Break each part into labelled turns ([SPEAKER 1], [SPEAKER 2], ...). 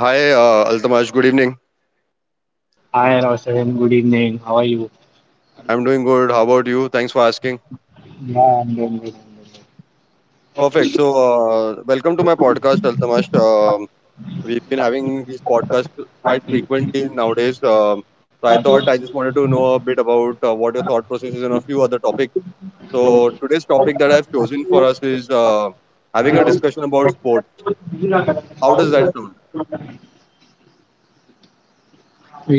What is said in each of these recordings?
[SPEAKER 1] Hi, Altamash. Good evening.
[SPEAKER 2] Hi, Roshan. Good evening. How are you?
[SPEAKER 1] I'm doing good. How about you? Thanks for asking.
[SPEAKER 2] Yeah, I'm doing good.
[SPEAKER 1] Perfect. Welcome to my podcast, Altamash. We've been having these podcasts quite frequently nowadays. I thought I just wanted to know a bit about what your thought process is on a few other topics. So, today's topic that I've chosen for us is
[SPEAKER 2] I'm
[SPEAKER 1] having a
[SPEAKER 2] doing
[SPEAKER 1] discussion about sports. How does that
[SPEAKER 2] good.
[SPEAKER 1] sound?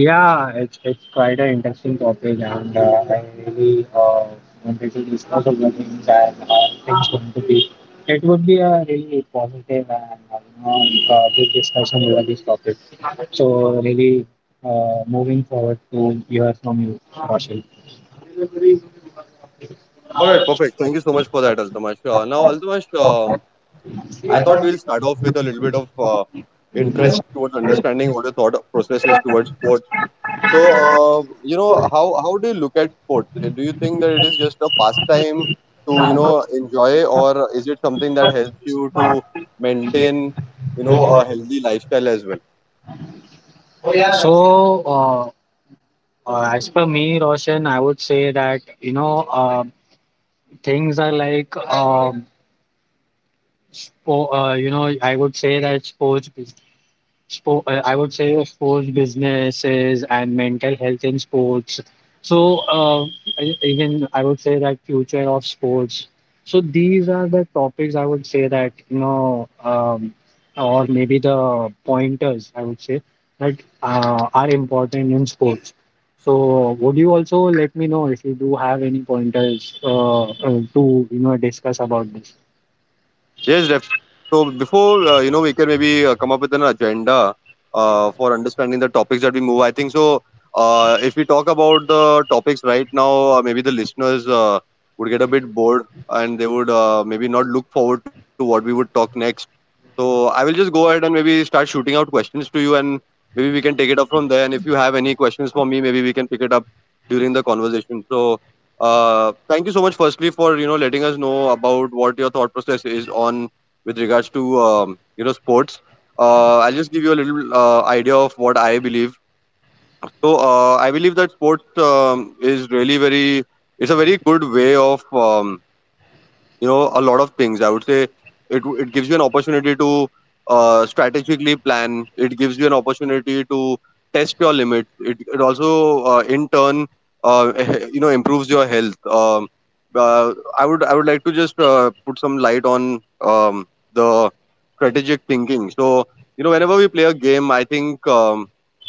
[SPEAKER 2] Yeah, it's quite an interesting topic, and I really wanted to discuss all the things and how things going to be. It would be a really positive and you know, good discussion over this topic. So really, moving forward to hear from you, Roshan.
[SPEAKER 1] All right, perfect. Thank you so much for that, Altamash. Now, Altamash, I thought we'll start off with a little bit of interest towards understanding what the thought process is towards sports. So, you know, how do you look at sports? Do you think that it is just a pastime to, you know, enjoy, or is it something that helps you to maintain, you know, a healthy lifestyle as well?
[SPEAKER 2] So, uh, as per me, Roshan, I would say that you know things are like you know I would say that I would say sports businesses and mental health in sports. So even I would say that future of sports. So these are the topics I would say that you know, or maybe the pointers I would say that are important in sports. So would you also let me know if you do have any pointers to you know discuss about this?
[SPEAKER 1] Yes, def- so before you know, we can maybe come up with an agenda for understanding the topics that we move, I think so. If we talk about the topics right now, maybe the listeners would get a bit bored and they would maybe not look forward to what we would talk next. So I will just go ahead and maybe start shooting out questions to you, and maybe we can take it up from there. And if you have any questions for me, maybe we can pick it up during the conversation. So thank you so much, firstly, for you know letting us know about what your thought process is on with regards to you know sports. I'll just give you a little idea of what I believe. So I believe that sports is really very it's a very good way of you know a lot of things I would say it gives you an opportunity to strategically plan. It gives you an opportunity to test your limits. It also in turn, uh, you know, improves your health. Um, uh, i would i would like to just put some light on um, the strategic thinking. So you know whenever we play a game, I think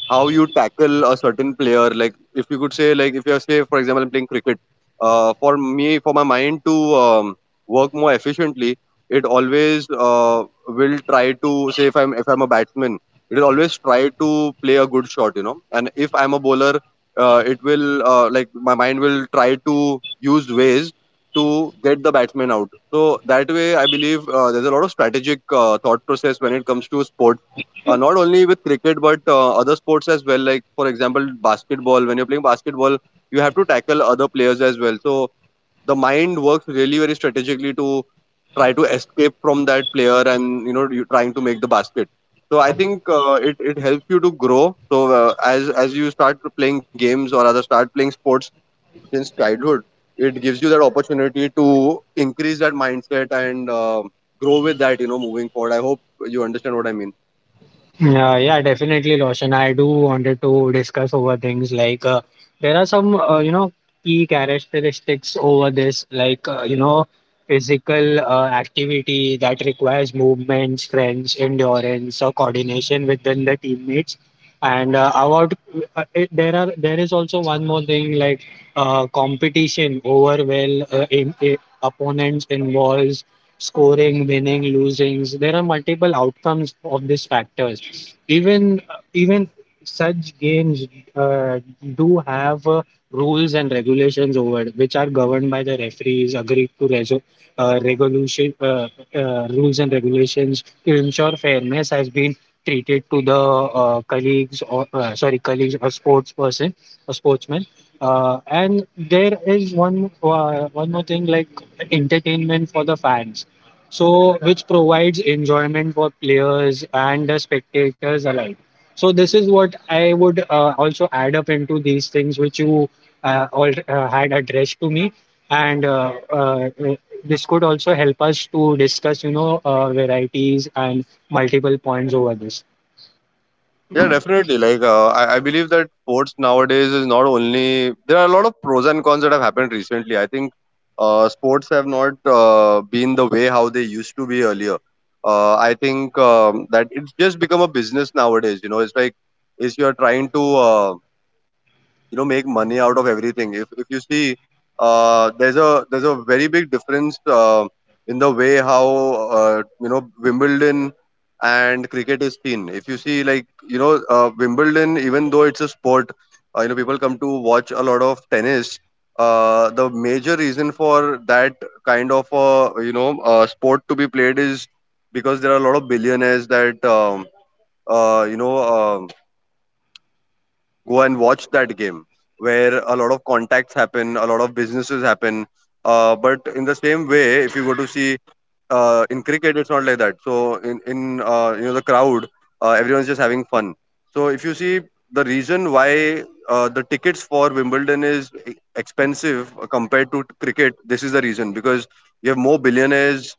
[SPEAKER 1] how you tackle a certain player, like if you could say, like if you say for example I'm playing cricket, for me, for my mind to work more efficiently, it always will try to say, if I'm a batsman, it will always try to play a good shot, you know, and if I'm a bowler, it will like my mind will try to use ways to get the batsman out. So that way I believe there's a lot of strategic thought process when it comes to sports, not only with cricket but other sports as well, like for example basketball. When you're playing basketball, you have to tackle other players as well, so the mind works really very strategically to try to escape from that player and you know you trying to make the basket. So I think it helps you to grow. So as you start playing games, or rather start playing sports since childhood, it gives you that opportunity to increase that mindset and grow with that, you know, moving forward. I hope you understand what I mean.
[SPEAKER 2] Yeah, yeah, definitely, Roshan. I do wanted to discuss over things like there are some you know key characteristics over this, like you know physical activity that requires movement, strength, endurance, or coordination within the teammates. And about it, there is also one more thing like competition over well opponents involves scoring, winning, losings. There are multiple outcomes of these factors. Even such games uh, do have rules and regulations over it, which are governed by the referees, agreed to reso- regulation rules and regulations to ensure fairness has been treated to the colleagues or sorry colleagues or sports person or sportsman and there is one more thing like entertainment for the fans, so which provides enjoyment for players and the spectators alike. So this is what I would also add up into these things which you all had addressed to me, and this could also help us to discuss you know varieties and multiple points over this.
[SPEAKER 1] Yeah, definitely. Like, I believe that sports nowadays is not only there are a lot of pros and cons that have happened recently. I think sports have not been the way how they used to be earlier. I think that it's just become a business nowadays. You know, it's like if you're trying to you know make money out of everything. If you see, there's a very big difference in the way how you know Wimbledon and cricket is seen. If you see, like, you know, Wimbledon, even though it's a sport, you know, people come to watch a lot of tennis. Uh, the major reason for that kind of you know sport to be played is because there are a lot of billionaires that you know go and watch that game, where a lot of contacts happen, a lot of businesses happen. But in the same way, if you go to see in cricket, it's not like that. So in you know, the crowd, everyone's just having fun. So if you see, the reason why the tickets for Wimbledon is expensive compared to cricket, this is the reason: because you have more billionaires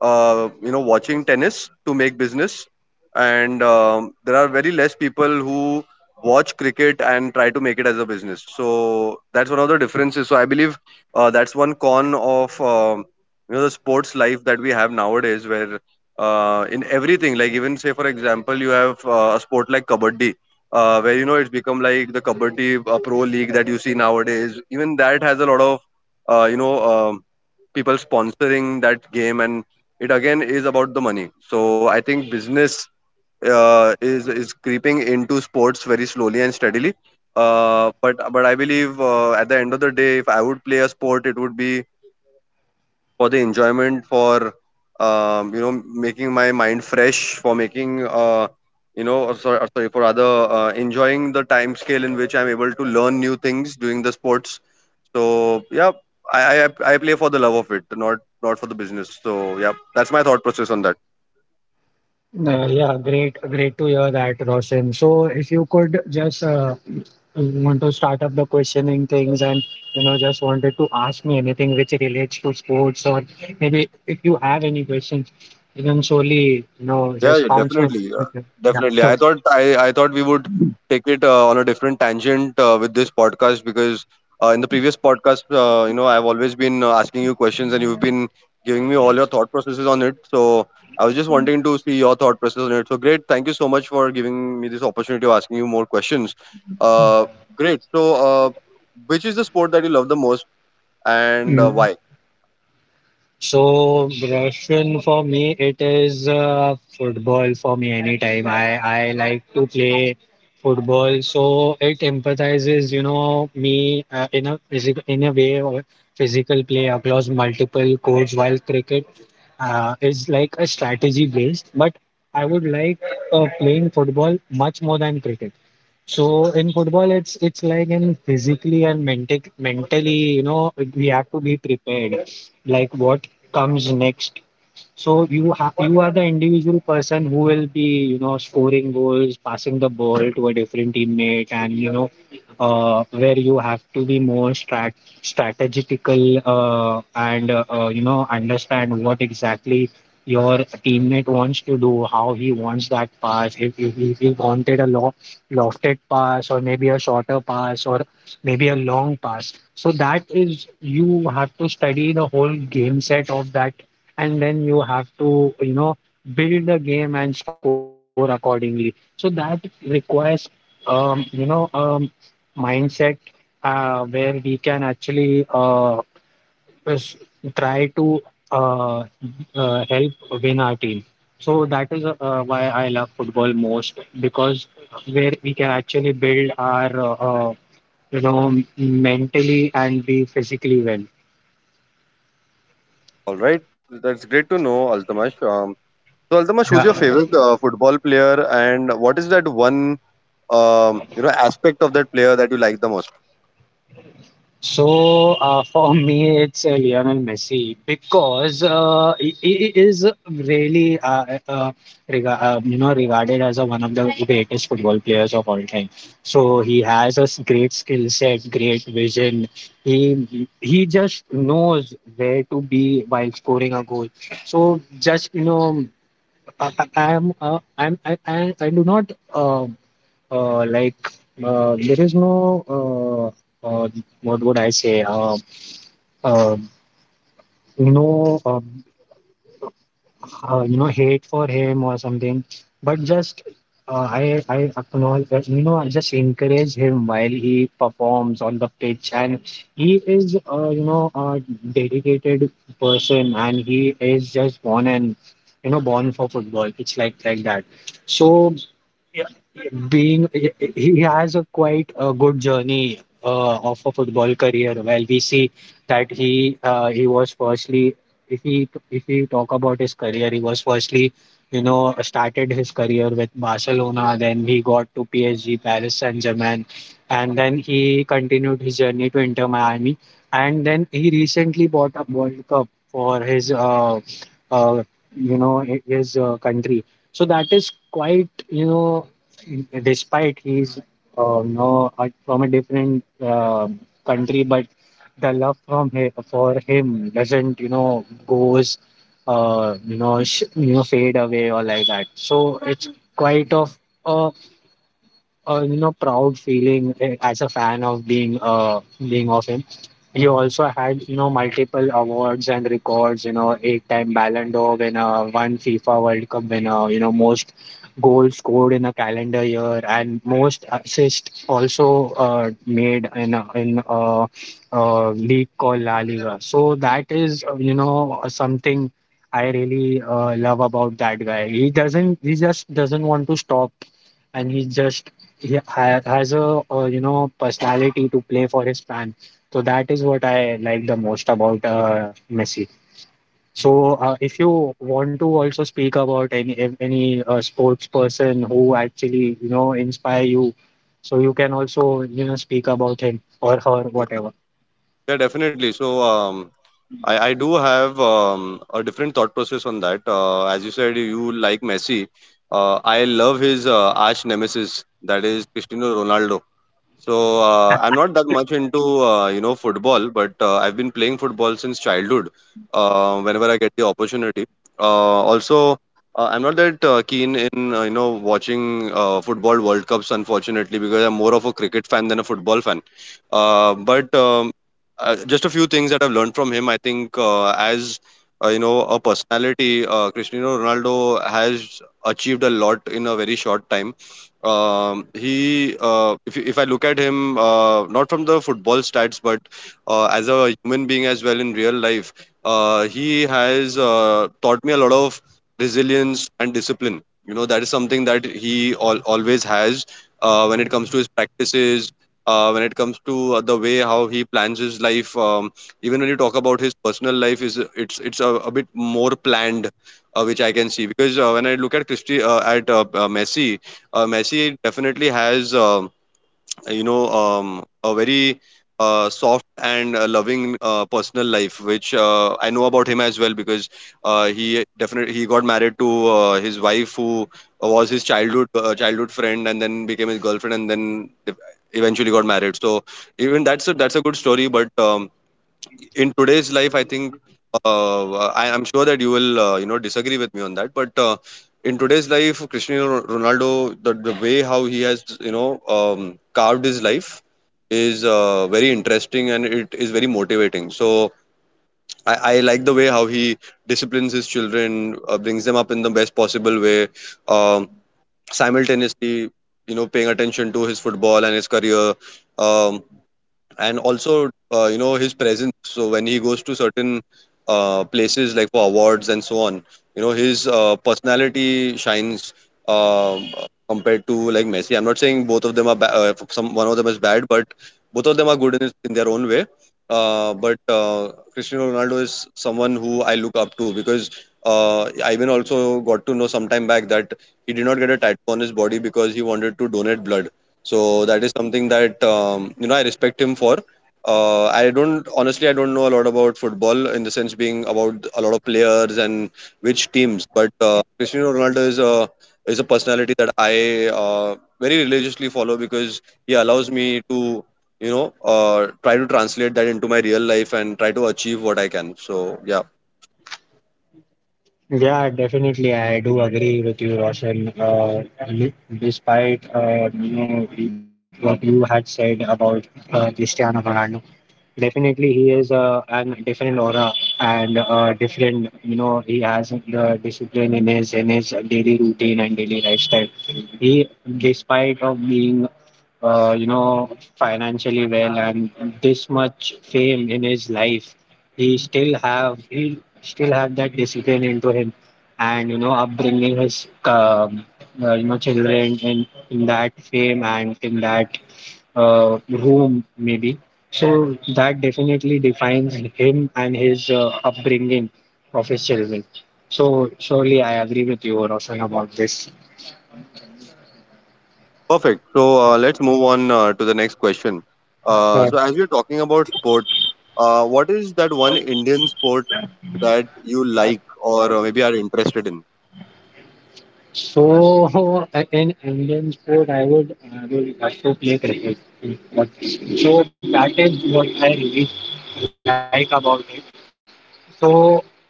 [SPEAKER 1] you know watching tennis to make business, and there are very less people who watch cricket and try to make it as a business. So that's one of the differences. So I believe that's one con of you know the sports life that we have nowadays, where in everything, like even say for example you have a sport like kabaddi, where you know it's become like the kabaddi pro league that you see nowadays. Even that has a lot of you know people sponsoring that game, and it again is about the money. So I think business is creeping into sports very slowly and steadily. But I believe at the end of the day, if I would play a sport, it would be for the enjoyment, for you know making my mind fresh, for making you know, or sorry, or sorry, for rather enjoying the time scale in which I'm able to learn new things doing the sports. So yeah, I play for the love of it, not not for the business. So yeah, that's my thought process on that.
[SPEAKER 2] Yeah, great, great to hear that, Roshan. So, if you could just want to start up the questioning things, and you know, just wanted to ask me anything which relates to sports, or maybe if you have any questions, you can surely you know
[SPEAKER 1] Yeah,
[SPEAKER 2] just
[SPEAKER 1] yeah,
[SPEAKER 2] bounce me.
[SPEAKER 1] definitely,
[SPEAKER 2] Yeah,
[SPEAKER 1] definitely. I
[SPEAKER 2] sure.
[SPEAKER 1] thought I, I thought we would take it on a different tangent with this podcast because in the previous podcast, you know, I've always been asking you questions and you've been giving me all your thought processes on it. So I was just wanting to see your thought process on it. So great, thank you so much for giving me this opportunity of asking you more questions. Uh, great. So, which is the sport that you love the most, and
[SPEAKER 2] Mm-hmm.
[SPEAKER 1] why?
[SPEAKER 2] So Russian, for me, it is football for me anytime. I like to play football, so it empathizes, you know, me in a physical in a way of physical play across multiple courts. While cricket is like a strategy based, but I would like playing football much more than cricket. So in football, it's like in physically and mentally, you know, we have to be prepared like what comes next. So you have you are the individual person who will be you know scoring goals, passing the ball to a different teammate, and you know where you have to be more strategical and you know understand what exactly your teammate wants to do, how he wants that pass, if, he wanted a lo lofted pass or maybe a shorter pass or maybe a long pass. So that is you have to study the whole game set of that, and then you have to you know build the game and score accordingly, so that requires um you know um mindset where we can actually s- try to uh, help win our team. So that is why I love football most, because where we can actually build our you know mentally and be physically well.
[SPEAKER 1] All right, that's great to know, Altamash. So Altamash, who's your favorite football player, and what is that one you know aspect of that player that you like the most?
[SPEAKER 2] So for me, it's Lionel Messi, because he is really you know regarded as a, one of the greatest football players of all time. So he has a great skill set, great vision. He just knows where to be while scoring a goal. So just you know I am I'm I do not like there is no uh, uh, what would I say uh, no you know hate for him or something, but just I acknowledge that, you know I just encourage him while he performs on the pitch, and he is you know a dedicated person, and he is just born and you know born for football. It's like that. So being he has a quite a good journey of a football career. While we see that he was firstly, if we talk about his career, he was firstly, you know, started his career with Barcelona. Then he got to PSG, Paris Saint Germain, and then he continued his journey to Inter Miami. And then he recently bought a World Cup for his uh, you know his country. So that is quite you know despite he's no from a different country, but the love from him for him doesn't you know goes you know fade away or like that. So it's quite of a you know proud feeling, eh, as a fan of being of him. He also had you know multiple awards and records. You know, eight-time Ballon d'Or winner, one FIFA World Cup winner. You know, most goals scored in a calendar year and most assists also made in a league called La Liga. So that is you know something I really love about that guy. He just doesn't want to stop, and he just he has a, you know personality to play for his fan. So that is what I like the most about Messi. So if you want to also speak about any if any sports person who actually you know inspire you, so you can also you know speak about him or her whatever.
[SPEAKER 1] Yeah, definitely. So I do have a different thought process on that. As you said, you like Messi. I love his arch nemesis, that is Cristiano Ronaldo. So I'm not that much into you know football, but I've been playing football since childhood. Whenever I get the opportunity. Also, I'm not that keen in you know watching football World Cups, unfortunately, because I'm more of a cricket fan than a football fan. But just a few things that I've learned from him. I think as you know, a personality, Cristiano Ronaldo has achieved a lot in a very short time. He, if I look at him, not from the football stats, but as a human being as well in real life, he has taught me a lot of resilience and discipline. You know, that is something that he always has when it comes to his practices, when it comes to the way how he plans his life. Even when you talk about his personal life, is it's a bit more planned, which I can see because when I look at Christy at Messi, Messi definitely has you know a very soft and loving personal life, which I know about him as well because he definitely he got married to his wife who was his childhood friend and then became his girlfriend and then eventually got married. So even that's a good story, but. In today's life, I think I am sure that you will disagree with me on that, but in today's life, Cristiano Ronaldo, the way how he has carved his life is very interesting, and it is very motivating. So I like the way how he disciplines his children, brings them up in the best possible way, um, simultaneously, you know, paying attention to his football and his career, um, and also his presence, so when he goes to certain places, like for awards and so on, you know, his personality shines um compared to, like, Messi. I'm not saying both of them are some, one of them is bad, but both of them are good in their own way. But Cristiano Ronaldo is someone who I look up to, because I even also got to know some time back that he did not get a tattoo on his body because he wanted to donate blood. So that is something that I respect him for. I don't Honestly, I don't know a lot about football, in the sense being about a lot of players and which teams, but Cristiano Ronaldo is a personality that I very religiously follow, because he allows me to try to translate that into my real life and try to achieve what I can. So yeah,
[SPEAKER 2] Yeah, definitely. I do agree with you, Roshan. Li- Despite you know what you had said about Cristiano Ronaldo, definitely, he is an different aura and different. You know, he has the discipline in his daily routine and daily lifestyle. He, despite of being, you know, financially well and this much fame in his life, he still have that discipline into him, and you know, upbringing his you know children in that fame and in that room maybe, so that definitely defines him and his upbringing of his children. So surely I agree with you, Roshan, about this.
[SPEAKER 1] perfect. So let's move on to the next question.
[SPEAKER 2] Uh,
[SPEAKER 1] So as we're talking about sports, what is that one Indian sport that you like, or maybe are interested in?
[SPEAKER 2] So in Indian sport, I would have to play cricket. But so that is what I really like about it. So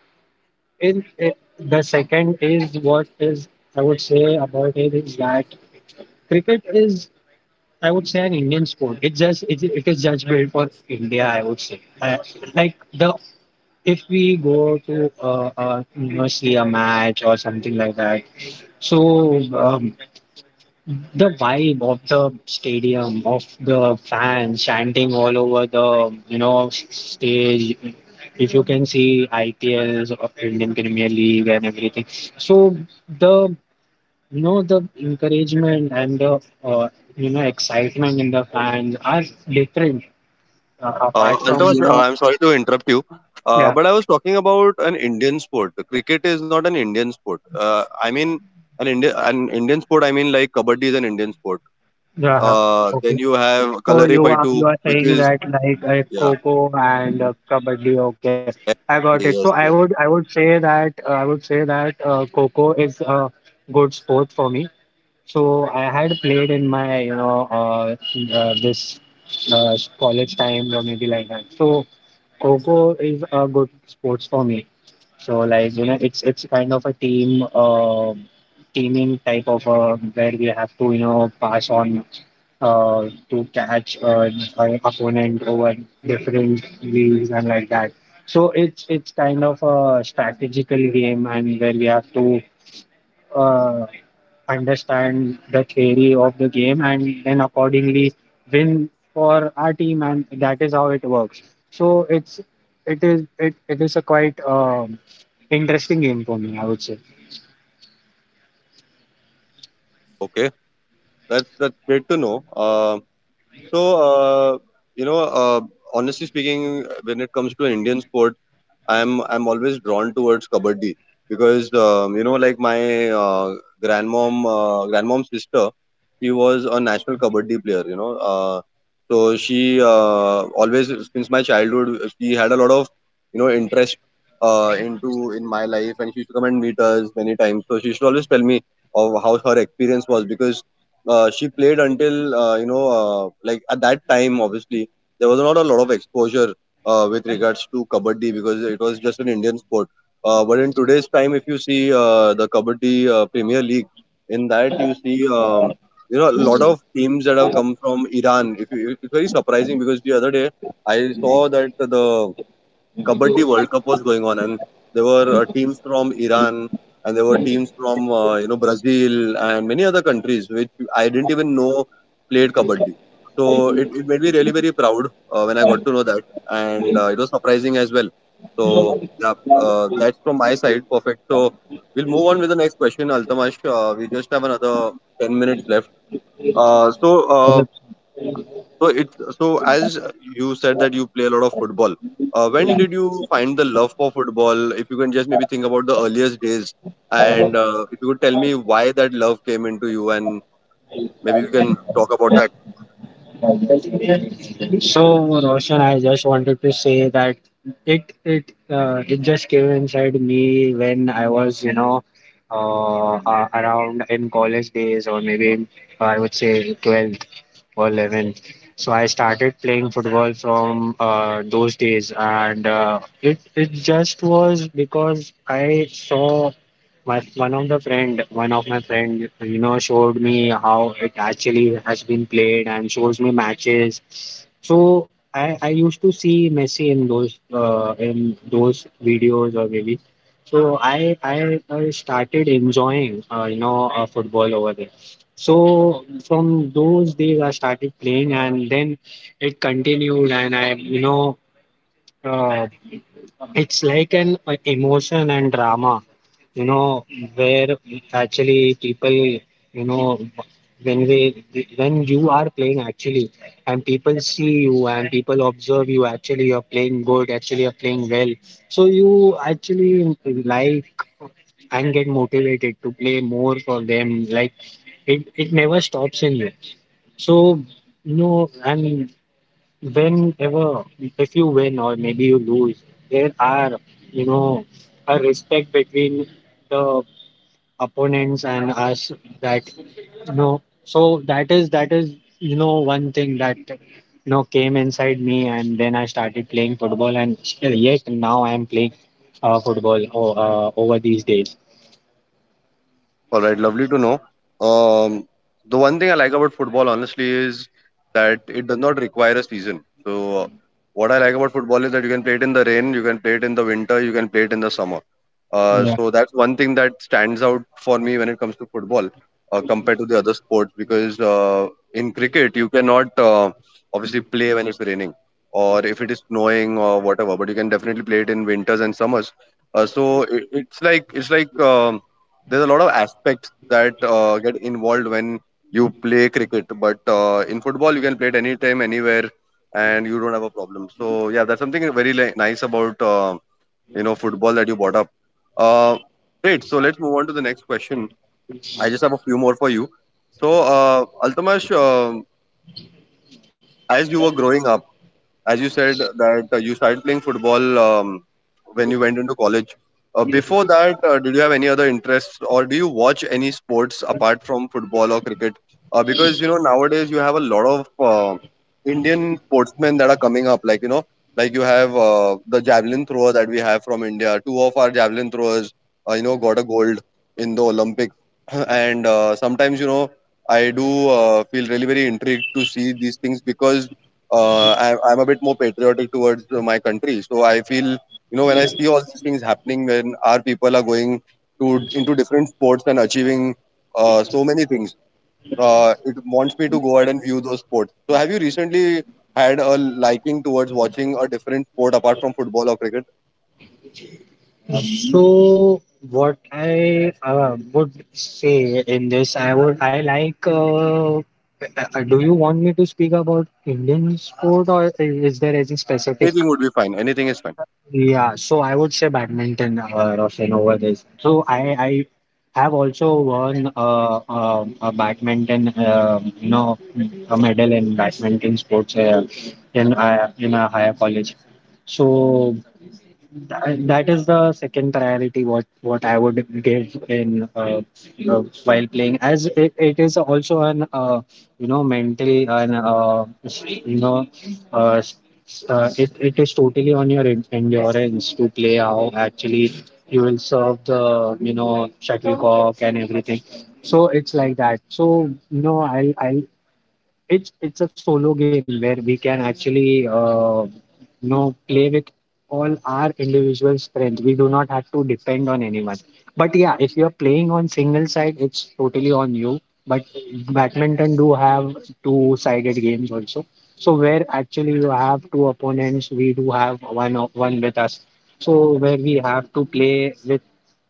[SPEAKER 2] in it, the second is what is I would say about it is that cricket is, I would say, an Indian sport. It just it is just built for India, I would say. Like the if we go to you know see a match or something like that. So the vibe of the stadium, of the fans chanting all over the you know stage. If you can see IPLs of Indian Premier League and everything, so the you know, the encouragement and the you know excitement in the fans are different. Apart from
[SPEAKER 1] Altavas,
[SPEAKER 2] you know,
[SPEAKER 1] I'm sorry to interrupt you,
[SPEAKER 2] yeah,
[SPEAKER 1] but I was talking about an Indian sport. Cricket is not an Indian sport. I mean, an Indian sport. I mean, like, kabaddi is an Indian sport.
[SPEAKER 2] yeah.
[SPEAKER 1] Then
[SPEAKER 2] Okay.
[SPEAKER 1] you have
[SPEAKER 2] So you
[SPEAKER 1] Kalaripayattu,
[SPEAKER 2] are
[SPEAKER 1] which
[SPEAKER 2] saying
[SPEAKER 1] is
[SPEAKER 2] that like
[SPEAKER 1] yeah,
[SPEAKER 2] Coco and Kabaddi. Okay, I got it. So
[SPEAKER 1] exactly, yes, yes.
[SPEAKER 2] I would say that I would say that Coco is a good sport for me. So I had played in my, you know, this college time or maybe like that. So Coco is a good sports for me. So like, you know, it's kind of a team teaming type of where we have to, you know, pass on to catch our opponent over different leagues and like that. So it's kind of a strategical game and where we have to uh, understand the theory of the game and then accordingly win for our team, and that is how it works. So it is a quite interesting game for me, I would say.
[SPEAKER 1] Okay, that's great to know. So uh, you know, uh, Honestly speaking, when it comes to an Indian sport, I'm always drawn towards kabaddi, because like my grandmom's sister, she was a national kabaddi player, so she always, since my childhood, she had a lot of, you know, interest into in my life, and she used to come and meet us many times, so she used to always tell me of how her experience was, because she played until like, at that time, obviously, there was not a lot of exposure with regards to kabaddi, because it was just an Indian sport. But in today's time, if you see the kabaddi Premier League, in that you see a lot of teams that have come from Iran. If you, it's very surprising, because the other day I saw that the Kabaddi World Cup was going on, and there were teams from Iran, and there were teams from Brazil, and many other countries which I didn't even know played Kabaddi. So it made me really very proud when I got to know that, and it was surprising as well. So yeah, that's from my side. Perfect. So we'll move on with the next question, Altamash. We just have another 10 minutes left. Uh, so uh, so it so as you said that you play a lot of football. When did you find the love for football? If you can just maybe think about the earliest days, and if you could tell me why that love came into you, and maybe we can talk about that.
[SPEAKER 2] So Roshan, I just wanted to say that it just came inside me when I was you know around in college days or maybe in, I would say, 12th or 11. So I started playing football from those days, and it it just was because I saw my one of the friend, one of my friend, you know, showed me how it actually has been played and shows me matches. So I used to see Messi in those videos or maybe. So I started enjoying football over there. So from those days, I started playing, and then it continued, and I, uh, it's like an emotion and drama, you know, where actually know, when we when you are playing actually, and people see you and people observe you, actually you're playing good, actually you're playing well. So you actually like and get motivated to play more for them. Like it never stops in you. So and whenever if you win or maybe you lose, there are you know a respect between the opponents and us, that you know. So that is you know one thing that came inside me, and then I started playing football, and still yet now I am playing football over these days.
[SPEAKER 1] All right, lovely to know. Um, the one thing I like about football, honestly, is that it does not require a season. So, what I like about football is that you can play it in the rain, you can play it in the winter, you can play it in the summer. So that's one thing that stands out for me when it comes to football, compared to the other sports, because in cricket you cannot obviously play when it's raining or if it is snowing or whatever, but you can definitely play it in winters and summers. So it's like there's a lot of aspects that get involved when you play cricket, but in football you can play it anytime, anywhere, and you don't have a problem. So yeah, that's something very nice about, football, that you brought up. uh, Great. So let's move on to the next question. I just have a few more for you. So Altamash, as you were growing up, as you said that you started playing football when you went into college. Before that, did you have any other interests, or do you watch any sports apart from football or cricket? Because, you know, nowadays you have a lot of Indian sportsmen that are coming up. Like, you know, like you have the javelin thrower that we have from India. Two of our javelin throwers, got a gold in the Olympics. And sometimes, you know, I do feel really very intrigued to see these things, because I'm a bit more patriotic towards my country. So I feel, you know, when I see all these things happening, when our people are going to into different sports and achieving so many things, it wants me to go ahead and view those sports. So have you recently had a liking towards watching a different sport apart from football or cricket?
[SPEAKER 2] Uh, So what I would say in this, I like. Do you want me to speak about Indian sport, or is there any specific?
[SPEAKER 1] Anything would be fine. Anything is fine.
[SPEAKER 2] Yeah, so I would say badminton, Roshan, over this. So I have also won a badminton, a medal in badminton sports in a higher college. So that is the second priority what I would give in while playing, as it is also an mental and s- you know s- s- it, it is totally on your endurance to play how actually you will serve the shuttlecock and everything. So it's like that. So you know I it's a solo game where we can actually play with all our individual strength. We do not have to depend on anyone. But yeah, if you're playing on single side, it's totally on you. But badminton do have two-sided games also. So where actually you have two opponents, we do have one with us. So where we have to play with,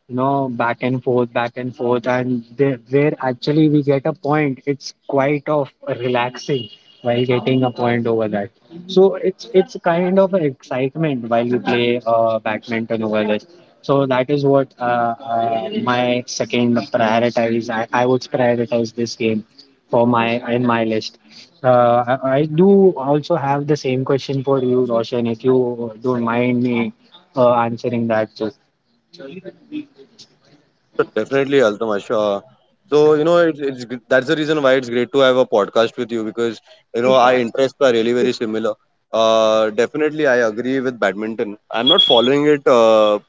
[SPEAKER 2] you know, back and forth, and there, where actually we get a point, it's quite of relaxing while getting a point over that. So it's kind of an excitement while we play badminton over this. So that is what my second prioritize. I would prioritize this game for my in my list. I do also have the same question for you, Roshan, if you don't mind me answering that. Just.
[SPEAKER 1] Definitely, Altamash. So, you know, it's that's the reason why it's great to have a podcast with you, because, you know, our interests are really very similar. Definitely, I agree with badminton. I'm not following it. Uh,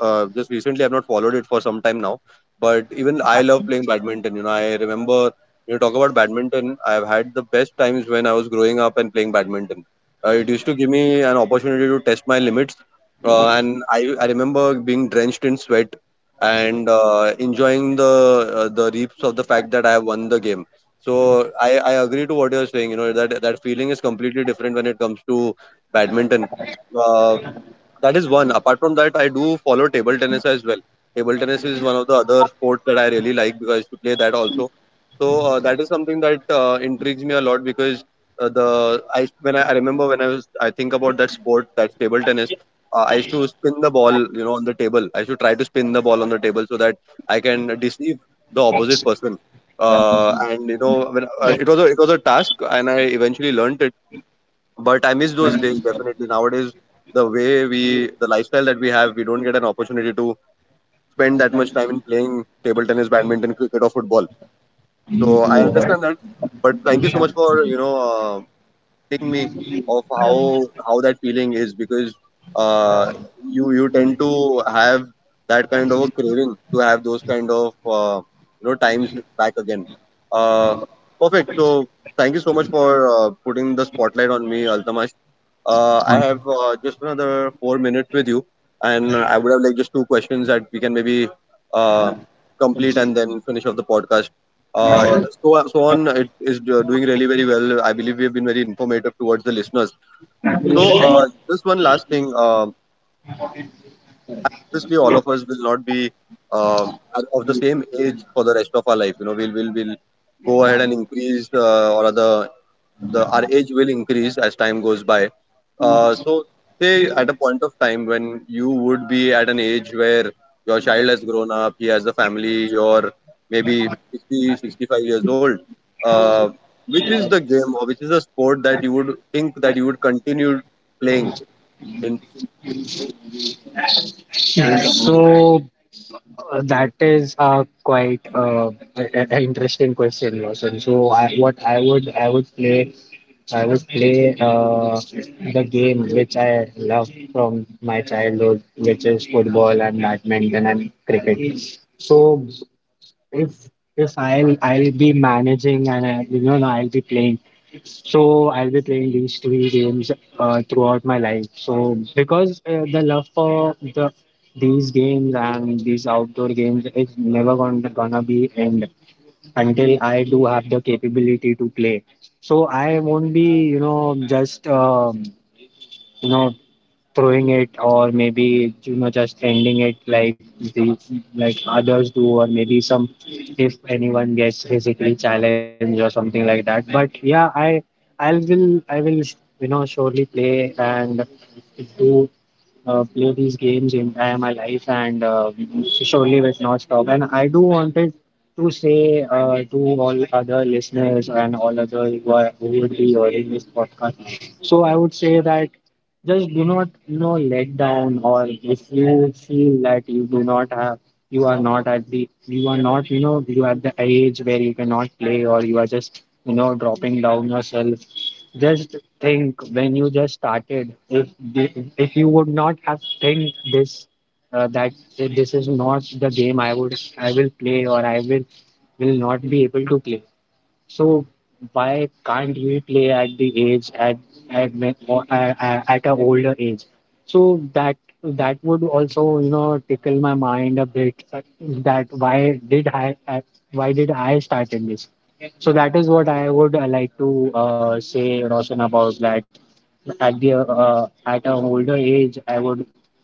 [SPEAKER 1] uh, Just recently I've not followed it for some time now. But even I love playing badminton. You know, I remember you talk about badminton. I've had the best times when I was growing up and playing badminton. It used to give me an opportunity to test my limits, and I remember being drenched in sweat and enjoying the reaps of the fact that I have won the game. So I agree to what you're saying. You know, that that feeling is completely different when it comes to badminton. Uh, that is one. Apart from that, I do follow table tennis as well. Table tennis is one of the other sports that I really like, because I used to play that also. So that is something that intrigues me a lot, because the I when I remember when I was, I think, about that sport, that table tennis. I used to spin the ball, you know, on the table. I used to try to spin the ball on the table so that I can deceive the opposite person. And you know, when it was a task, and I eventually learned it, but I miss those days. Definitely, nowadays, the lifestyle that we have, we don't get an opportunity to spend that much time in playing table tennis, badminton, cricket, or football, so I
[SPEAKER 2] So
[SPEAKER 1] understand that. But thank you so much for, reminding me of how that feeling is, because uh, you you tend to have that kind of a craving to have those kind of, times back again. Uh, Perfect. So thank you so much for putting the spotlight on me, Altamash. I have just another 4 minutes with you, and I would have like just two questions that we can maybe uh, complete and then finish off the podcast. It is doing really very well. I believe we have been very informative towards the listeners. So, just one last thing. Obviously, all of us will not be of the same age for the rest of our life. You know, we'll go ahead and increase, or rather, the our age will increase as time goes by. So, say, at a point of time when you would be at an age where your child has grown up, he has a family, you're maybe 60, 65 years old. Uh, which is the game, or which is the sport, that you would think that you would continue playing in?
[SPEAKER 2] that is a quite a interesting question, Roshan. So I, what I would play. I would play the game which I love from my childhood, which is football and badminton and cricket. So if I'll be managing, and I, you know I'll be playing. So I'll be playing these three games throughout my life. So because the love for these games and these outdoor games is never gonna be end, until I do have the capability to play. So I won't be just you know throwing it, or maybe, just ending it like the like others do, or maybe some if anyone gets physically challenged or something like that. But yeah, I will, you know, surely play and do play these games in entire my life, and surely will not stop. And I do wanted to say, to all other listeners and all other who, are, who would be hearing this podcast. So I would say that just do not, you know, let down, or if you feel that you do not have, you are not at the, you are not, you know, you are at the age where you cannot play, or you are just, you know, dropping down yourself. Just think when you just started, if if you would not have think this, that this is not the game I would, I will play, or I will not be able to play. So why can't he play at the age at when- or a- at an older age? So that would also, you know, tickle my mind a bit. That why did I started this? So that is what I would, like to say, Roshan, about that. At the at an older age, I would,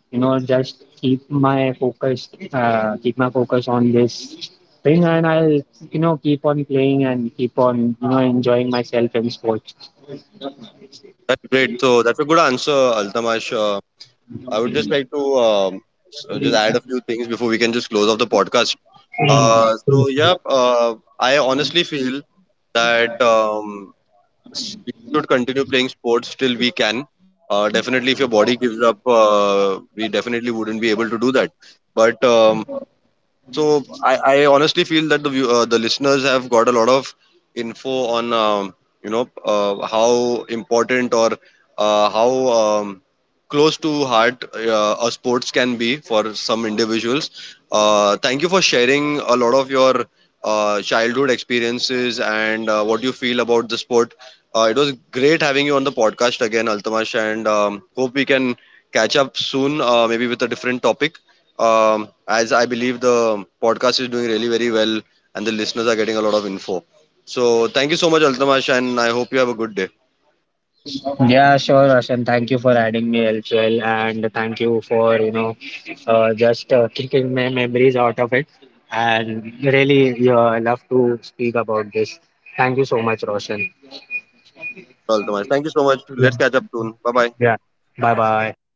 [SPEAKER 2] you know, just keep my focus on this. Playing, and I'll, you know, keep on playing and keep on, you know, enjoying myself in sports.
[SPEAKER 1] That's great. So that's a good answer, Altamash. I would just like to just add a few things before we can just close off the podcast. So yeah, I honestly feel that we should continue playing sports till we can. Definitely, if your body gives up, we definitely wouldn't be able to do that. But so I honestly feel that the listeners have got a lot of info on, how important, or how close to heart, a sports can be for some individuals. Thank you for sharing a lot of your childhood experiences, and what you feel about the sport. It was great having you on the podcast again, Altamash, and hope we can catch up soon, maybe with a different topic. As I believe the podcast is doing really very well and the listeners are getting a lot of info. So thank you so much, Altamash, and I hope you have a good day.
[SPEAKER 2] Yeah, sure, Roshan. Thank you for adding me as well, and thank you for you know just kicking my memories out of it. And really, yeah, I love to speak about this. Thank you so much, Roshan.
[SPEAKER 1] Altamash, thank you so much.
[SPEAKER 2] Yeah,
[SPEAKER 1] Let's catch up soon. Bye bye.
[SPEAKER 2] yeah. Bye bye.